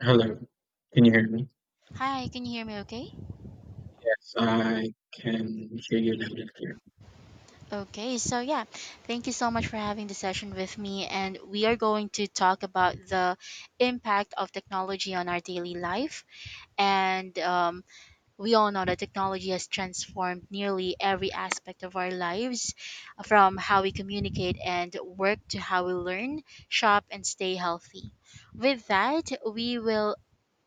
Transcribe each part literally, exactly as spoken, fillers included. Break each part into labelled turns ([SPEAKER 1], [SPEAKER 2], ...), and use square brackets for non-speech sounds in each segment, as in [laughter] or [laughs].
[SPEAKER 1] Hello. Can you hear me?
[SPEAKER 2] Hi, can you hear me okay?
[SPEAKER 1] Yes, I can hear you loud and clear.
[SPEAKER 2] Okay, so yeah, thank you so much for having the session with me. And we are going to talk about the impact of technology on our daily life. And um, We all know that technology has transformed nearly every aspect of our lives from how we communicate and work to how we learn, shop, and stay healthy. With that, we will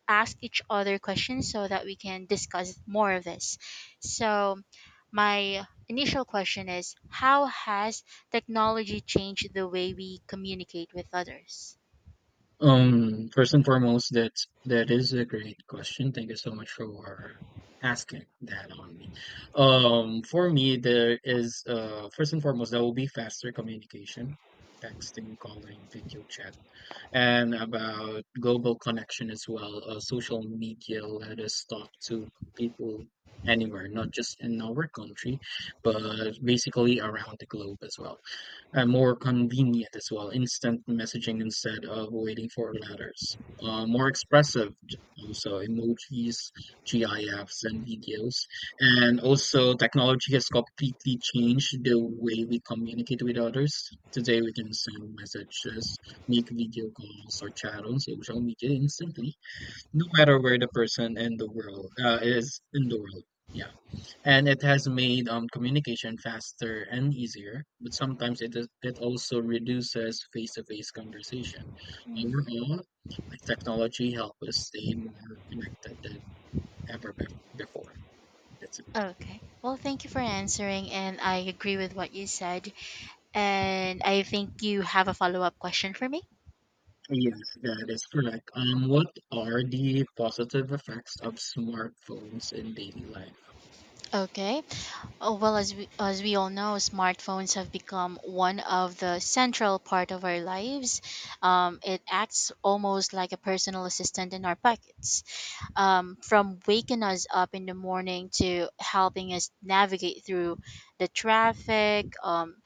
[SPEAKER 2] ask each other questions so that we can discuss more of this. So, my initial question is, how has technology changed the way we communicate with others?
[SPEAKER 1] Um, first and foremost, that's that is a great question. Thank you so much for asking that on me. Um, for me, there is uh first and foremost, that will be faster communication, texting, calling, video chat. And about global connection as well. Uh, social media let us talk to people anywhere, not just in our country, but basically around the globe as well. And more convenient as well, instant messaging instead of waiting for letters. Uh, more expressive, also emojis, GIFs, and videos. And also, technology has completely changed the way we communicate with others. Today, we can send messages, make video calls, or chat on social media instantly, no matter where the person in the world uh, is in the world. Yeah, and it has made um, communication faster and easier, but sometimes it is, it also reduces face-to-face conversation.
[SPEAKER 2] Mm.
[SPEAKER 1] Overall, like technology helps us stay more connected than ever bef before. That's it.
[SPEAKER 2] Okay. Well, thank you for answering, and I agree with what you said. And I think you have a follow up question for me.
[SPEAKER 1] Yes, that is correct. Um, what are the positive effects of smartphones in daily life?
[SPEAKER 2] Okay. Oh, well, as we, as we all know, smartphones have become one of the central part of our lives. Um, it acts almost like a personal assistant in our pockets, um, from waking us up in the morning to helping us navigate through the traffic. Um,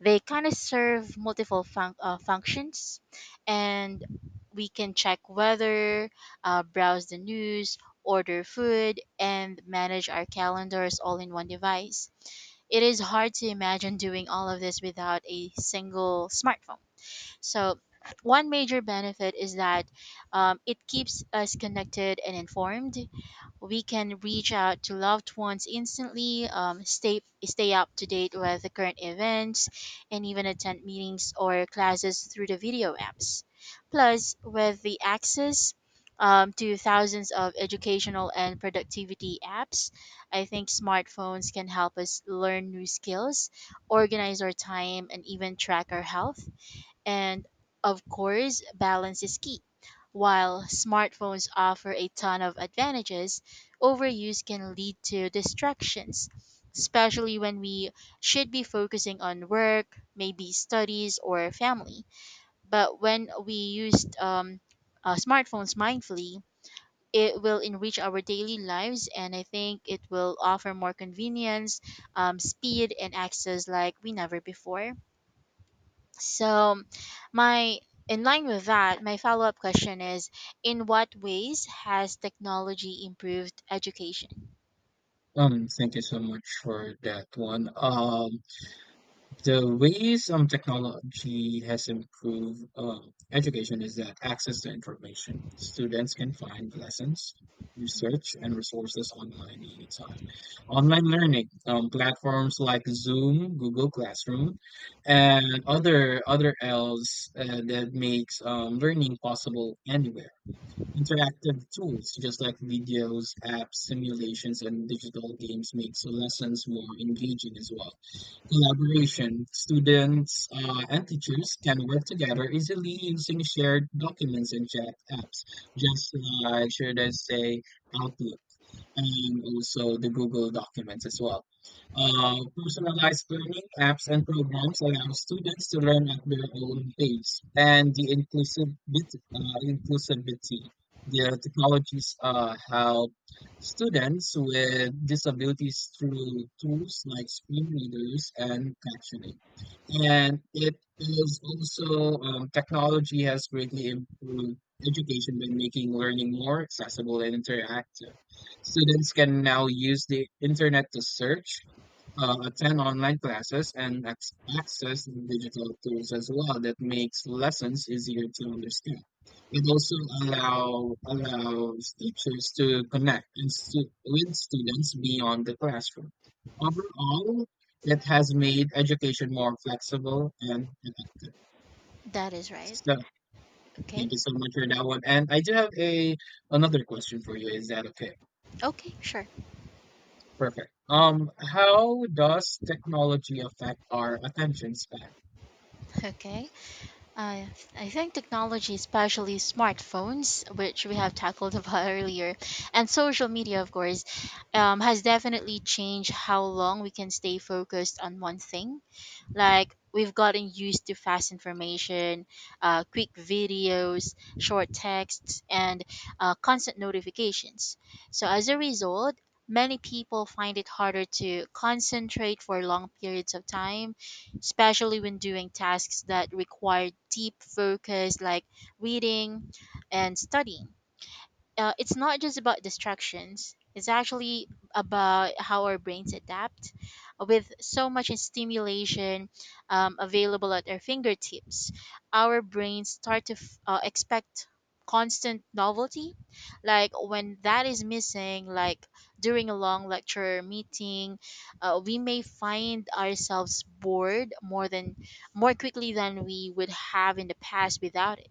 [SPEAKER 2] They kind of serve multiple func uh, functions, and we can check weather, uh, browse the news, order food, and manage our calendars all in one device. It is hard to imagine doing all of this without a single smartphone. So, one major benefit is that um, it keeps us connected and informed. We can reach out to loved ones instantly, um, stay stay up to date with the current events, and even attend meetings or classes through the video apps. Plus, with the access um, to thousands of educational and productivity apps, I think smartphones can help us learn new skills, organize our time, and even track our health. And of course, balance is key. While smartphones offer a ton of advantages, overuse can lead to distractions, especially when we should be focusing on work, maybe studies, or family. But when we use um, uh, smartphones mindfully, it will enrich our daily lives, and I think it will offer more convenience, um, speed, and access like we never before. So, my in line with that, my follow up question is, in what ways has technology improved education?
[SPEAKER 1] Um, thank you so much for that one. Um, the ways um technology has improved um education is that access to information. Students can find lessons, research, and resources online anytime. Online learning, um, platforms like Zoom, Google Classroom, and other other else, uh, that makes um learning possible anywhere. Interactive tools just like videos, apps, simulations, and digital games makes lessons more engaging as well. Collaboration. Students, uh, and teachers can work together easily using shared documents and chat apps, just like, should I say, Outlook and also the Google Documents as well. Uh, personalized learning apps and programs allow students to learn at their own pace, and the inclusivity, uh, inclusivity. The technologies uh, help students with disabilities through tools like screen readers and captioning. And it is also, um, technology has greatly improved education by making learning more accessible and interactive. Students can now use the internet to search, uh, attend online classes, and ac- access digital tools as well that makes lessons easier to understand. It also allow, allows teachers to connect and stu- with students beyond the classroom. Overall, it has made education more flexible and effective.
[SPEAKER 2] That is right.
[SPEAKER 1] So,
[SPEAKER 2] Okay.
[SPEAKER 1] thank you so much for that one. And I do have a another question for you. Is that okay?
[SPEAKER 2] Okay, sure.
[SPEAKER 1] Perfect. Um, how does technology affect our attention span?
[SPEAKER 2] [laughs] Okay. I I think technology, especially smartphones, which we have tackled [laughs] about earlier, and social media, of course, um, has definitely changed how long we can stay focused on one thing. Like we've gotten used to fast information, uh, quick videos, short texts, and uh, constant notifications. So as a result, many people find it harder to concentrate for long periods of time, especially when doing tasks that require deep focus like reading and studying. Uh, it's not just about distractions. It's actually about how our brains adapt with so much stimulation um, available at our fingertips. Our brains start to f- uh, expect constant novelty. Like when that is missing, like during a long lecture or meeting, uh, we may find ourselves bored more than more quickly than we would have in the past without it.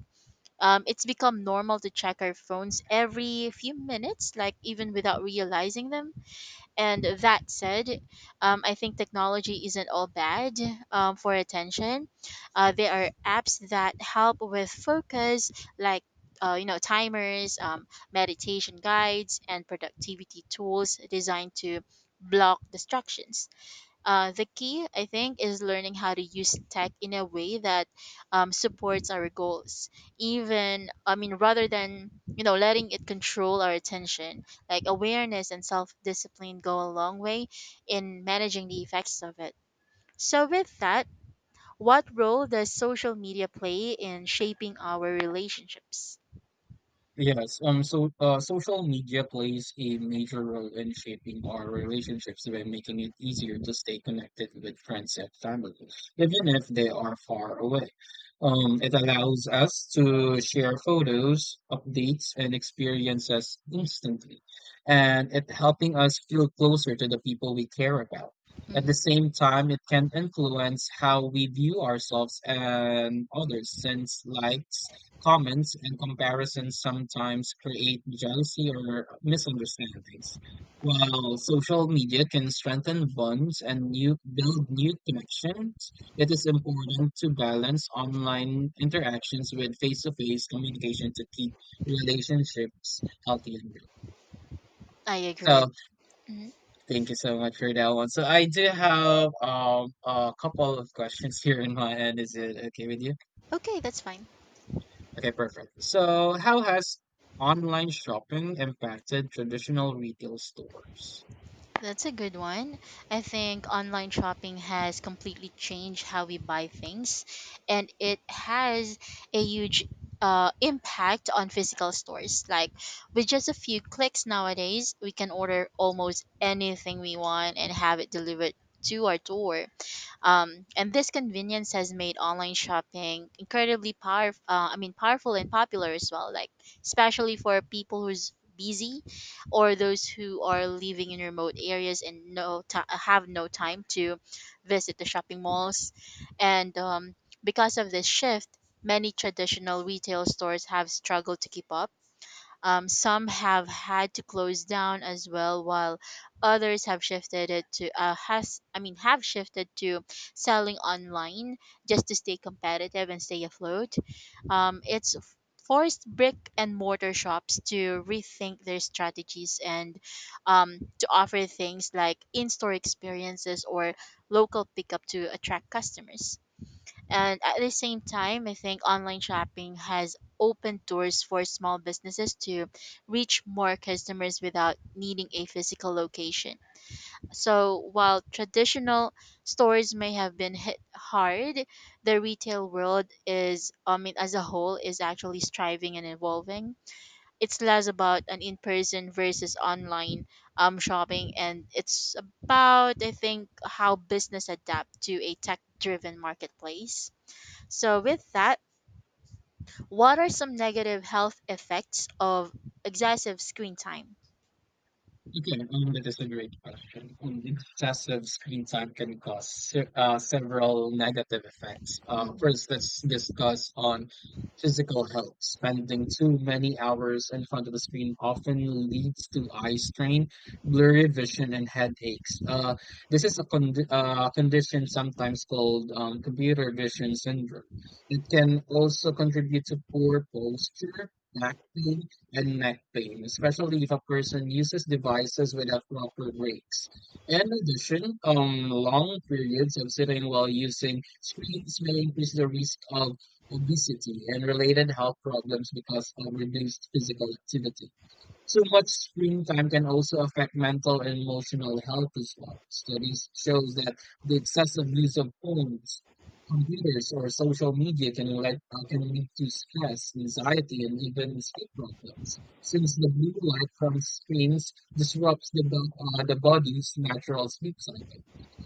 [SPEAKER 2] um, It's become normal to check our phones every few minutes, like even without realizing them. And that said, um, I think technology isn't all bad um, for attention. Uh, there are apps that help with focus, like, uh, you know, timers, um, meditation guides, and productivity tools designed to block distractions. Uh, the key, I think, is learning how to use tech in a way that um, supports our goals. Even, I mean, rather than, you know, letting it control our attention, like awareness and self discipline go a long way in managing the effects of it. So, with that, what role does social media play in shaping our relationships?
[SPEAKER 1] Yes, um, so uh, social media plays a major role in shaping our relationships by making it easier to stay connected with friends and family, even if they are far away. Um, it allows us to share photos, updates, and experiences instantly, and it helping us feel closer to the people we care about. At the
[SPEAKER 2] Mhm.
[SPEAKER 1] same time, it can influence how we view ourselves and others, since likes, comments, and comparisons sometimes create jealousy or misunderstandings. While social media can strengthen bonds and new, build new connections, it is important to balance online interactions with face-to-face communication to keep relationships healthy and real.
[SPEAKER 2] I agree with.
[SPEAKER 1] So
[SPEAKER 2] Mhm.
[SPEAKER 1] thank you so much for that one. So I do have um, a couple of questions here in my end. Is it okay with you?
[SPEAKER 2] Okay, that's fine.
[SPEAKER 1] Okay, perfect. So, how has online shopping impacted traditional retail stores?
[SPEAKER 2] That's a good one. I think online shopping has completely changed how we buy things, and it has a huge uh, impact on physical stores. Like, with just a few clicks nowadays, we can order almost anything we want and have it delivered to our door. Um, and this convenience has made online shopping incredibly powerful. Uh, I mean, powerful and popular as well. Like especially for people who's busy, or those who are living in remote areas and no ti have no time to visit the shopping malls. And um, Because of this shift, many traditional retail stores have struggled to keep up. Um, some have had to close down as well, while others have shifted it to uh, has I mean have shifted to selling online just to stay competitive and stay afloat. Um, it's f- forced brick and mortar shops to rethink their strategies and um, to offer things like in-store experiences or local pickup to attract customers. And at the same time, I think online shopping has opened doors for small businesses to reach more customers without needing a physical location. So while traditional stores may have been hit hard, the retail world is, I mean, as a whole, is actually striving and evolving. It's less about an in-person versus online um, shopping, and it's about, I think, how business adapt to a tech-driven marketplace. So, with that, what are some negative health effects of excessive screen time?
[SPEAKER 1] Okay, um, that is a great question. And excessive screen time can cause se- uh, several negative effects. Um,
[SPEAKER 2] Mm-mm.
[SPEAKER 1] first, let's discuss on physical health. Spending too many hours in front of the screen often leads to eye strain, blurry vision, and headaches. Uh, this is a condi uh, condition sometimes called um, computer vision syndrome. It can also contribute to poor posture, back pain, and neck pain, especially if a person uses devices without proper breaks. In addition, um, long periods of sitting while using screens may increase the risk of obesity and related health problems because of reduced physical activity. Too much screen time can also affect mental and emotional health as well. Studies show that the excessive use of phones, computers, or social media can lead, uh, can lead to stress, anxiety, and even sleep problems. Since the blue light from screens disrupts the, bo- uh, the body's natural sleep cycle,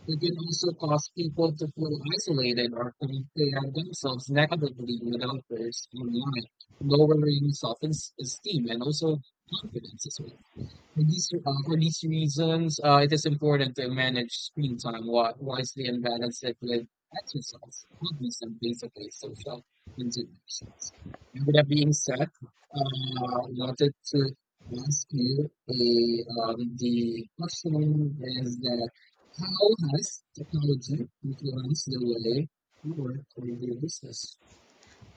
[SPEAKER 1] it can also cause people to feel isolated or compare themselves negatively with others online, lowering self-esteem and also confidence as well. For these, uh, for these reasons, uh, it is important to manage screen time wi- wisely and balance it with exercise, hobbies, and basically social interactions. And with that being said, uh, I wanted to ask you a, um, the question is that how has technology influenced the way you work or do business?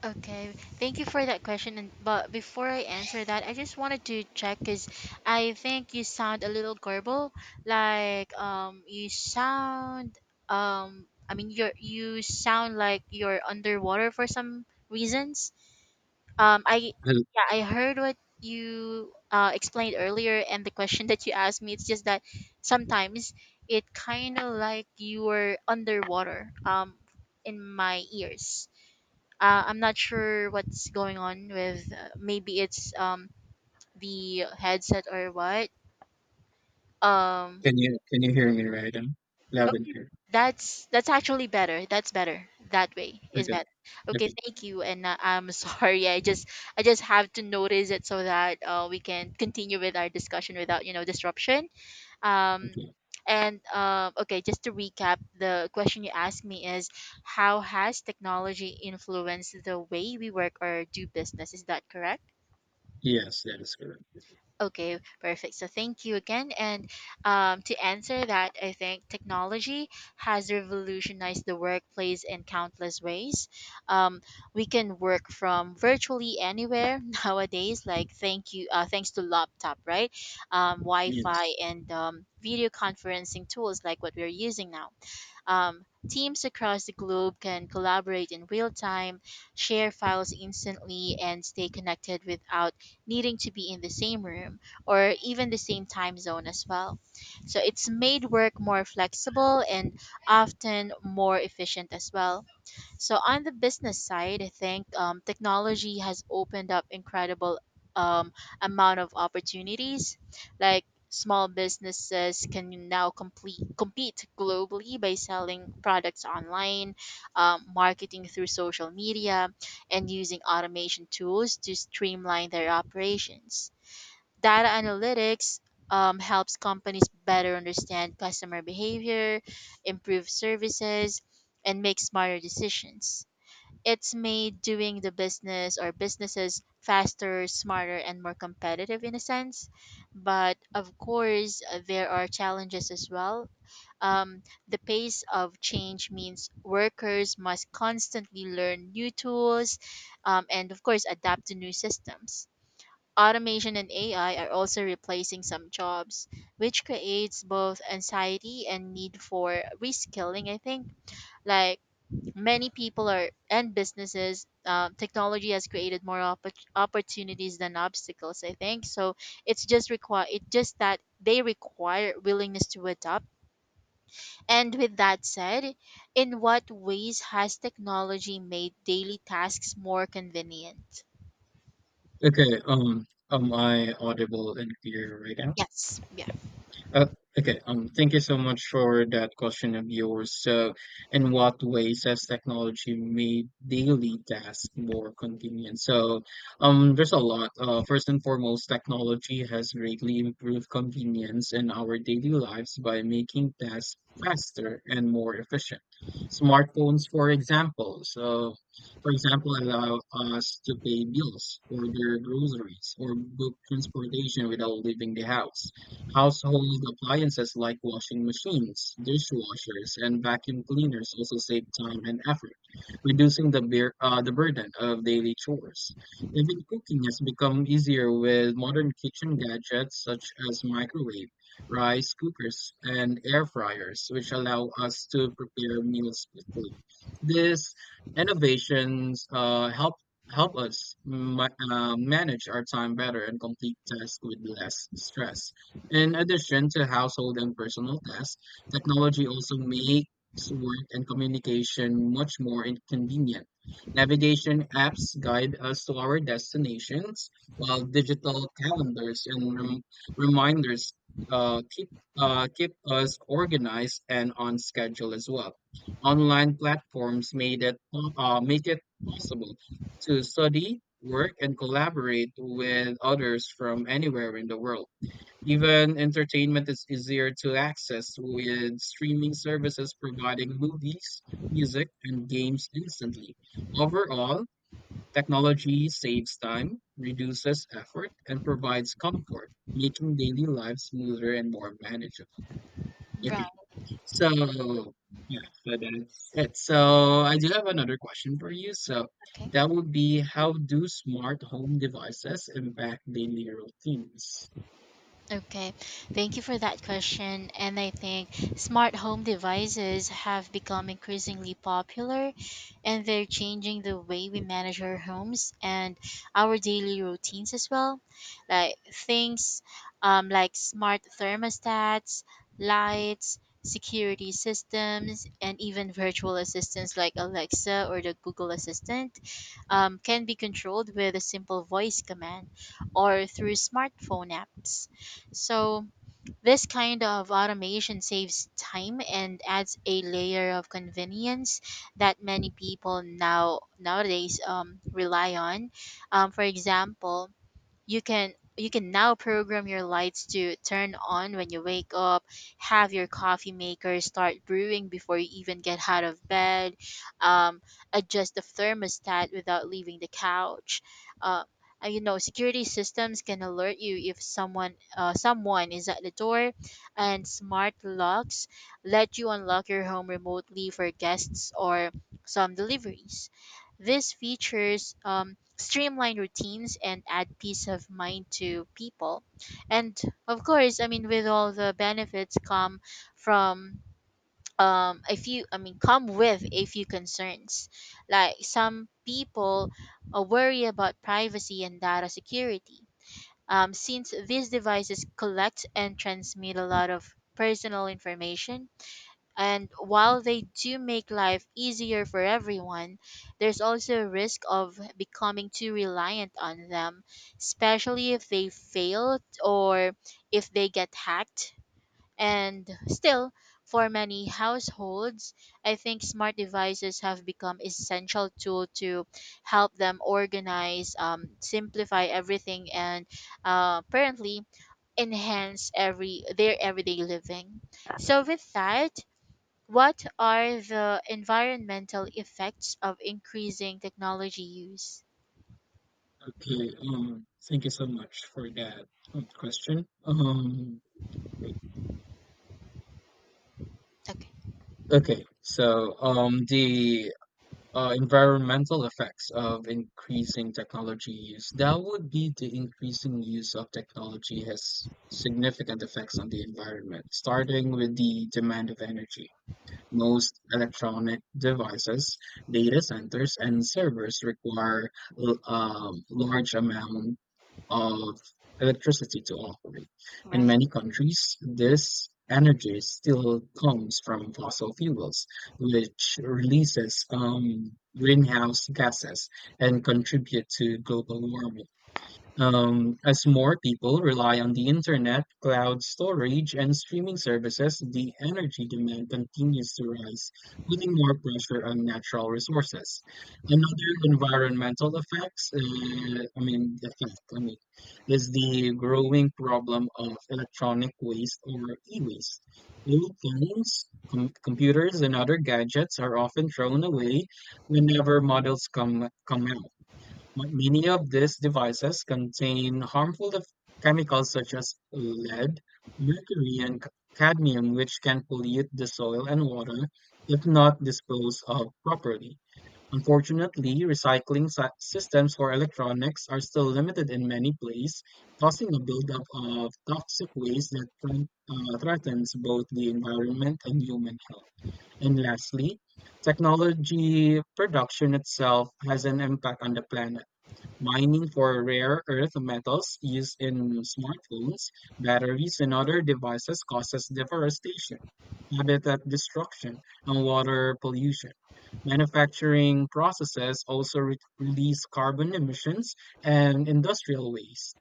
[SPEAKER 2] Okay, thank you for that question. And but before I answer that, I just wanted to check because I think you sound a little garble. Like um, you sound um, I mean you you sound like you're underwater for some reasons. Um, I
[SPEAKER 1] Hello,
[SPEAKER 2] Yeah, I heard what you uh, explained earlier, and the question that you asked me. It's just that sometimes it kind of like you were underwater. Um, in my ears. Uh, I'm not sure what's going on with. Uh, maybe it's um the headset or what. Um.
[SPEAKER 1] Can you can you hear me right now? Loud and clear.
[SPEAKER 2] That's that's actually better. That's better. That way is
[SPEAKER 1] Okay,
[SPEAKER 2] better. Okay,
[SPEAKER 1] okay,
[SPEAKER 2] thank you. And uh, I'm [laughs] sorry. I just I just have to notice it so that uh, we can continue with our discussion without, you know, disruption. Um,
[SPEAKER 1] okay.
[SPEAKER 2] and uh, Okay, just to recap, the question you asked me is, how has technology influenced the way we work or do business? Is that correct?
[SPEAKER 1] Yes, that is correct.
[SPEAKER 2] Okay, perfect. So thank you again. And um, to answer that, I think technology has revolutionized the workplace in countless ways. Um, we can work from virtually anywhere [laughs] nowadays, like thank you, uh, thanks to laptop, right? Um, Wi-Fi
[SPEAKER 1] Yes.
[SPEAKER 2] and um, video conferencing tools like what we're using now. Um, teams across the globe can collaborate in real time, share files instantly, and stay connected without needing to be in the same room or even the same time zone as well. So it's made work more flexible and often more efficient as well. So on the business side, I think um, technology has opened up incredible um, amount of opportunities. Like small businesses can now complete compete globally by selling products online, um, marketing through social media, and using automation tools to streamline their operations. Data analytics. Um, helps companies better understand customer behavior, improve services, and make smarter decisions. It's made doing the business or businesses faster, smarter, and more competitive in a sense. But of course, uh, there are challenges as well. Um, the pace of change means workers must constantly learn new tools um, and, of course, adapt to new systems. Automation and A I are also replacing some jobs, which creates both anxiety and need for reskilling, I think. Like, many people are and businesses uh, technology has created more oppor- opportunities than obstacles, I think. So it's just require it just that they require willingness to adopt. And with that said, in what ways has technology made daily tasks more convenient?
[SPEAKER 1] Okay, um, am I audible and clear right now?
[SPEAKER 2] Yes, yeah.
[SPEAKER 1] Uh, okay. Um, thank you so much for that question of yours. So, in what ways has technology made daily tasks more convenient? So, um, there's a lot. Uh, first and foremost, technology has greatly improved convenience in our daily lives by making tasks faster and more efficient. Smartphones, for example, so for example, allow us to pay bills, order groceries, or book transportation without leaving the house. Household appliances like washing machines, dishwashers, and vacuum cleaners also save time and effort, reducing the beer, uh, the burden of daily chores. Even cooking has become easier with modern kitchen gadgets such as microwave, rice cookers, and air fryers, which allow us to prepare meals quickly. These innovations uh, help help us ma- uh, manage our time better and complete tasks with less stress. In addition to household and personal tasks, technology also makes work and communication much more inconvenient. Navigation apps guide us to our destinations, while digital calendars and rem- reminders uh, keep uh, keep us organized and on schedule as well. Online platforms made it po- uh, make it possible to study, work, and collaborate with others from anywhere in the world. Even entertainment is easier to access with streaming services providing movies, music, and games instantly. Overall, technology saves time, reduces effort, and provides comfort, making daily life smoother and more manageable.
[SPEAKER 2] Right.
[SPEAKER 1] Okay, so yeah, so that's it. So I do have another question for you. So
[SPEAKER 2] Okay.
[SPEAKER 1] that would be, how do smart home devices impact daily routines?
[SPEAKER 2] Okay, thank you for that question. And I think smart home devices have become increasingly popular and they're changing the way we manage our homes and our daily routines as well. Like things um, like smart thermostats, lights, security systems, and even virtual assistants like Alexa or the Google Assistant um, can be controlled with a simple voice command or through smartphone apps. So, this kind of automation saves time and adds a layer of convenience that many people now nowadays um, rely on. Um, for example, you can you can now program your lights to turn on when you wake up, have your coffee maker start brewing before you even get out of bed, um, adjust the thermostat without leaving the couch, uh, and, you know, security systems can alert you if someone uh, someone is at the door, and smart locks let you unlock your home remotely for guests or some deliveries. These features um, streamline routines and add peace of mind to people. And of course, I mean, with all the benefits come from um, a few, I mean, come with a few concerns. Like some people uh, worry about privacy and data security. Um, since these devices collect and transmit a lot of personal information, and while they do make life easier for everyone, there's also a risk of becoming too reliant on them, especially if they fail or if they get hacked. And still, for many households, I think smart devices have become essential tool to help them organize, um, simplify everything, and uh, apparently enhance every their everyday living. So with that, what are the environmental effects of increasing technology use?
[SPEAKER 1] Okay, um, thank you so much for that um, question. Um,
[SPEAKER 2] Okay,
[SPEAKER 1] okay, so, um, the uh, environmental effects of increasing technology use, that would be the increasing use of technology has significant effects on the environment, starting with the demand of energy. Most electronic devices, data centers, and servers require l- um, large amount of electricity to operate. In
[SPEAKER 2] right.
[SPEAKER 1] many countries, this energy still comes from fossil fuels, which releases um, greenhouse gases and contribute to global warming. Um, as more people rely on the internet, cloud storage, and streaming services, the energy demand continues to rise, putting more pressure on natural resources. Another environmental effects, uh, I mean, effect, I mean, is the growing problem of electronic waste or e-waste. Old phones, com- computers, and other gadgets are often thrown away whenever models come come out. Ma- Many of these devices contain harmful f- chemicals such as lead, mercury, and c- cadmium, which can pollute the soil and water if not disposed of properly. Unfortunately, recycling sy- systems for electronics are still limited in many places, causing a buildup of toxic waste that threat- uh, threatens both the environment and human health. And lastly, technology production itself has an impact on the planet. Mining for rare earth metals used in smartphones, batteries, and other devices causes deforestation, habitat destruction, and water pollution. Manufacturing processes also re- release carbon emissions and industrial waste.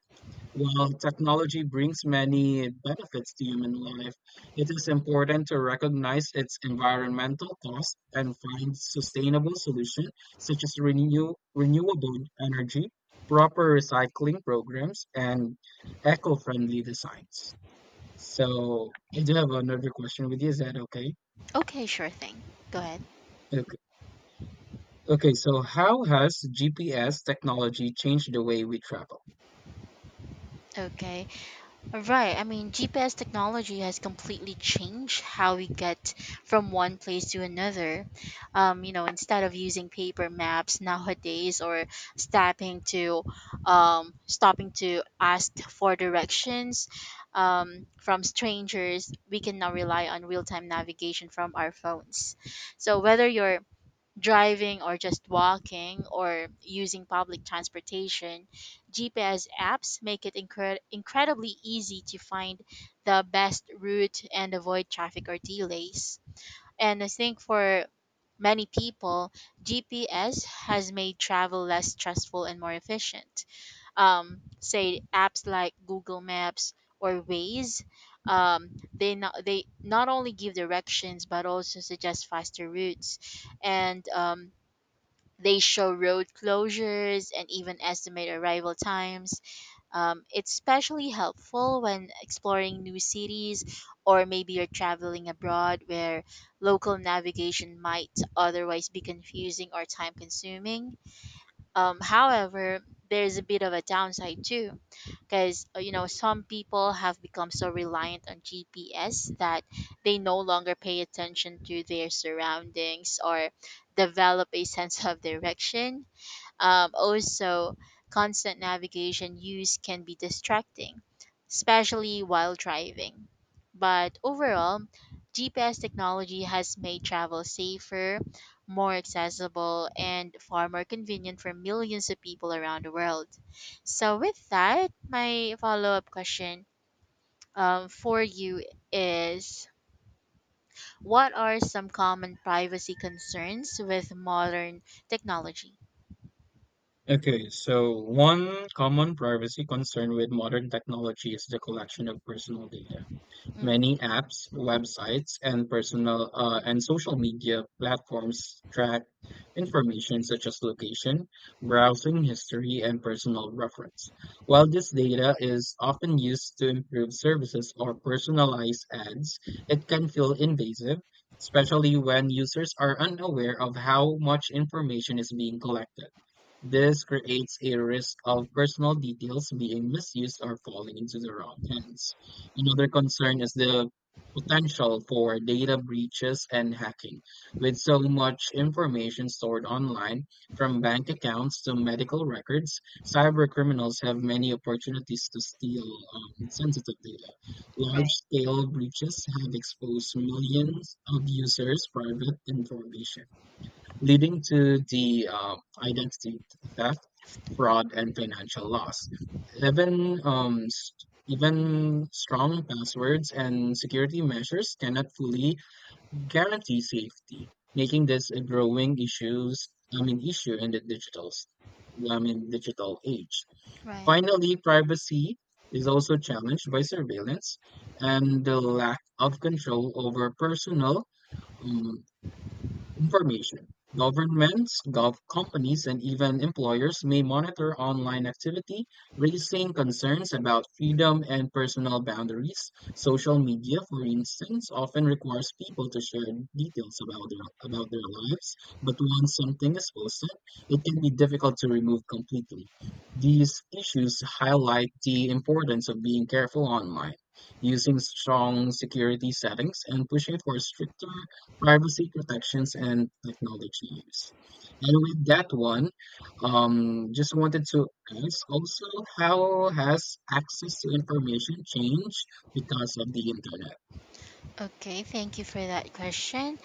[SPEAKER 1] While technology brings many benefits to human life, it is important to recognize its environmental costs and find sustainable solutions such as renew, renewable energy, proper recycling programs, and eco-friendly designs. So
[SPEAKER 2] Okay,
[SPEAKER 1] I do have another question with you. Is that okay?
[SPEAKER 2] okay, sure thing. Go ahead.
[SPEAKER 1] Okay. Okay. So how has G P S technology changed the way we travel?
[SPEAKER 2] Okay. Right. I mean, G P S technology has completely changed how we get from one place to another. Um, you know, instead of using paper maps nowadays or stopping to um, stopping to ask for directions um, from strangers, we can now rely on real-time navigation from our phones. So whether you're driving or just walking or using public transportation, G P S apps make it incre- incredibly easy to find the best route and avoid traffic or delays. And I think for many people, G P S has made travel less stressful and more efficient. Um, say apps like Google Maps or Waze. Um, they not they not only give directions but also suggest faster routes, and um, they show road closures and even estimate arrival times. Um, it's especially helpful when exploring new cities or maybe you're traveling abroad where local navigation might otherwise be confusing or time consuming. Um, however, there's a bit of a downside too, because you know some people have become so reliant on G P S that they no longer pay attention to their surroundings or develop a [laughs] sense of direction. Um, also, constant navigation use can be distracting, especially while driving. But overall, G P S technology has made travel safer, more accessible, and far more convenient for millions of people around the world. So, with that, my follow up question um, for you is, what are some common privacy concerns with modern technology?
[SPEAKER 1] Okay, so one common privacy concern with modern technology is the collection of personal data.
[SPEAKER 2] Mm,
[SPEAKER 1] Many apps, websites, and personal uh, and social media platforms track information such as location, browsing history, and personal reference. While this data is often used to improve services or personalize ads, it can feel invasive, especially when users are unaware of how much information is being collected. This creates a risk of personal details being misused or falling into the wrong hands. Another concern is the potential for data breaches and hacking. With so much information stored online, from bank accounts to medical records, cybercriminals have many opportunities to steal um, sensitive data.
[SPEAKER 2] right,
[SPEAKER 1] Large scale breaches have exposed millions of users' private information, leading to the uh, identity theft, fraud, and financial loss. Even um, s- even strong passwords and security measures cannot fully guarantee safety, making this a growing issues. I mean, issue in the digital, s- I mean, digital age.
[SPEAKER 2] right.
[SPEAKER 1] Finally, privacy is also challenged by surveillance and the lack of control over personal um, information. Governments, gov companies, and even employers may monitor online activity, raising concerns about freedom and personal boundaries. Social media, for instance, often requires people to share details about their about their lives, but once something is posted, it can be difficult to remove completely. These issues highlight the importance of being careful online, using strong security settings, and pushing for stricter privacy protections and technology use. And with that one, um, just wanted to ask also, how has access to information changed because of the internet?
[SPEAKER 2] Okay, thank you for that question.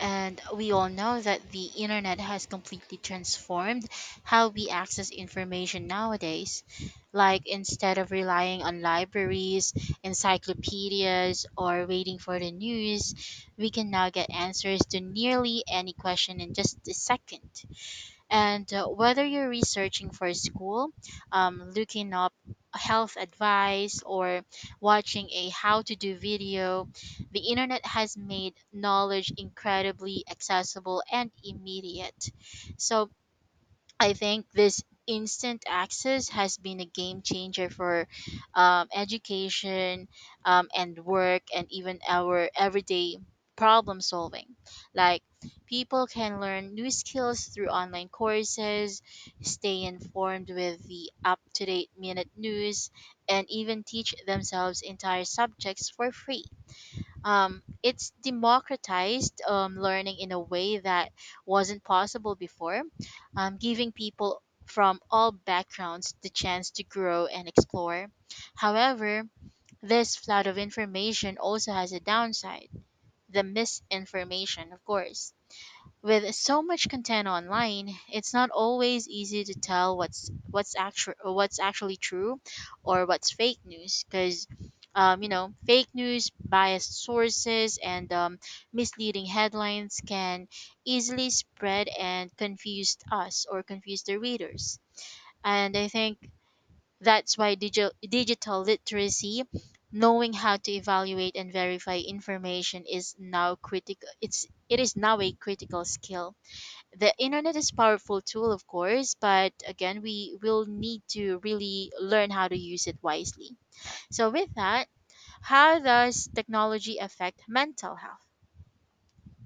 [SPEAKER 2] And we all know that the internet has completely transformed how we access information nowadays. Like, instead of relying on libraries, encyclopedias, or waiting for the news, we can now get answers to nearly any question in just a second. And uh, whether you're researching for school, um, looking up health advice, or watching a how to do video, the internet has made knowledge incredibly accessible and immediate. So, I think this instant access has been a game changer for um, education um, and work and even our everyday problem solving. Like, people can learn new skills through online courses, stay informed with the up to date minute news, and even teach themselves entire subjects for free. Um, it's democratized um, learning in a way that wasn't possible before, um, giving people from all backgrounds the chance to grow and explore. However, this flood of information also has a downside, the misinformation, of course. With so much content online, it's not always easy to tell what's what's actually what's actually true or what's fake news, because um, you know fake news, biased sources, and um, misleading headlines can easily spread and confuse us or confuse the readers. And I think that's why digital digital literacy, knowing how to evaluate and verify information, is now critical it's it is now a critical skill. The internet is powerful tool of course, but again we will need to really learn how to use it wisely. So with that, how does technology affect mental health?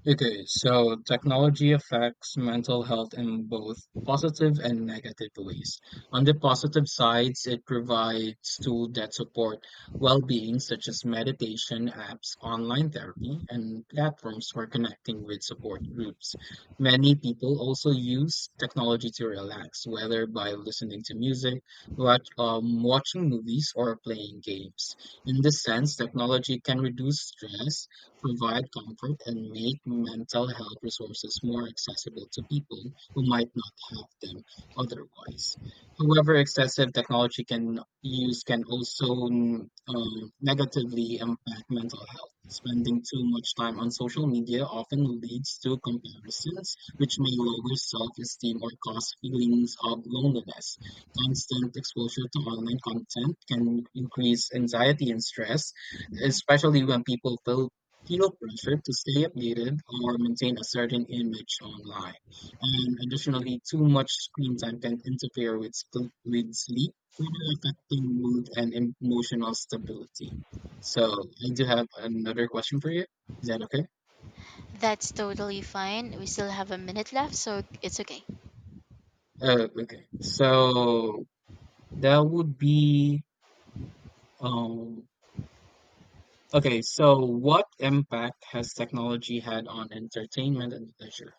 [SPEAKER 1] It is. So technology affects mental health in both positive and negative ways. On the positive sides, it provides tools that support well-being, such as meditation apps, online therapy, and platforms for connecting with support groups. Many people also use technology to relax, whether by listening to music, watch, um, watching movies, or playing games. In this sense, technology can reduce stress, provide comfort, and make mental health resources more accessible to people who might not have them otherwise. However, excessive technology can use can also mm, um, negatively impact mental health. Spending too much time on social media often leads to comparisons, which may lower self-esteem or cause feelings of loneliness. Constant exposure to online content can increase anxiety and stress,
[SPEAKER 2] Mhm.
[SPEAKER 1] especially when people feel feel pressure to stay updated or maintain a certain image online. And additionally, too much screen time can interfere with, sp- with sleep, further affecting mood and em- emotional stability. So, I do have another question for you. Is that okay?
[SPEAKER 2] That's totally fine, we still have a minute left so it's okay.
[SPEAKER 1] Uh, okay. So, that would be um, okay. So, what impact has technology had on entertainment and leisure?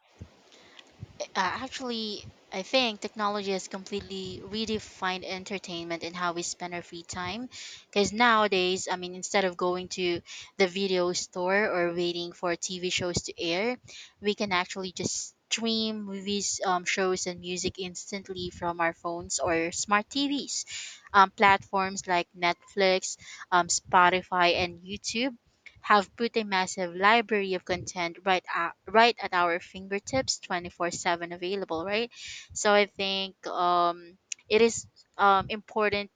[SPEAKER 2] Uh, actually, I think technology has completely redefined entertainment and how we spend our free time. Because nowadays, I mean, Instead of going to the video store or waiting for T V shows to air, we can actually just stream movies, um, shows, and music instantly from our phones or smart T Vs. Um, platforms like Netflix, um, Spotify, and YouTube have put a massive library of content right at, right at our fingertips twenty four seven available, right? So I think um it is um important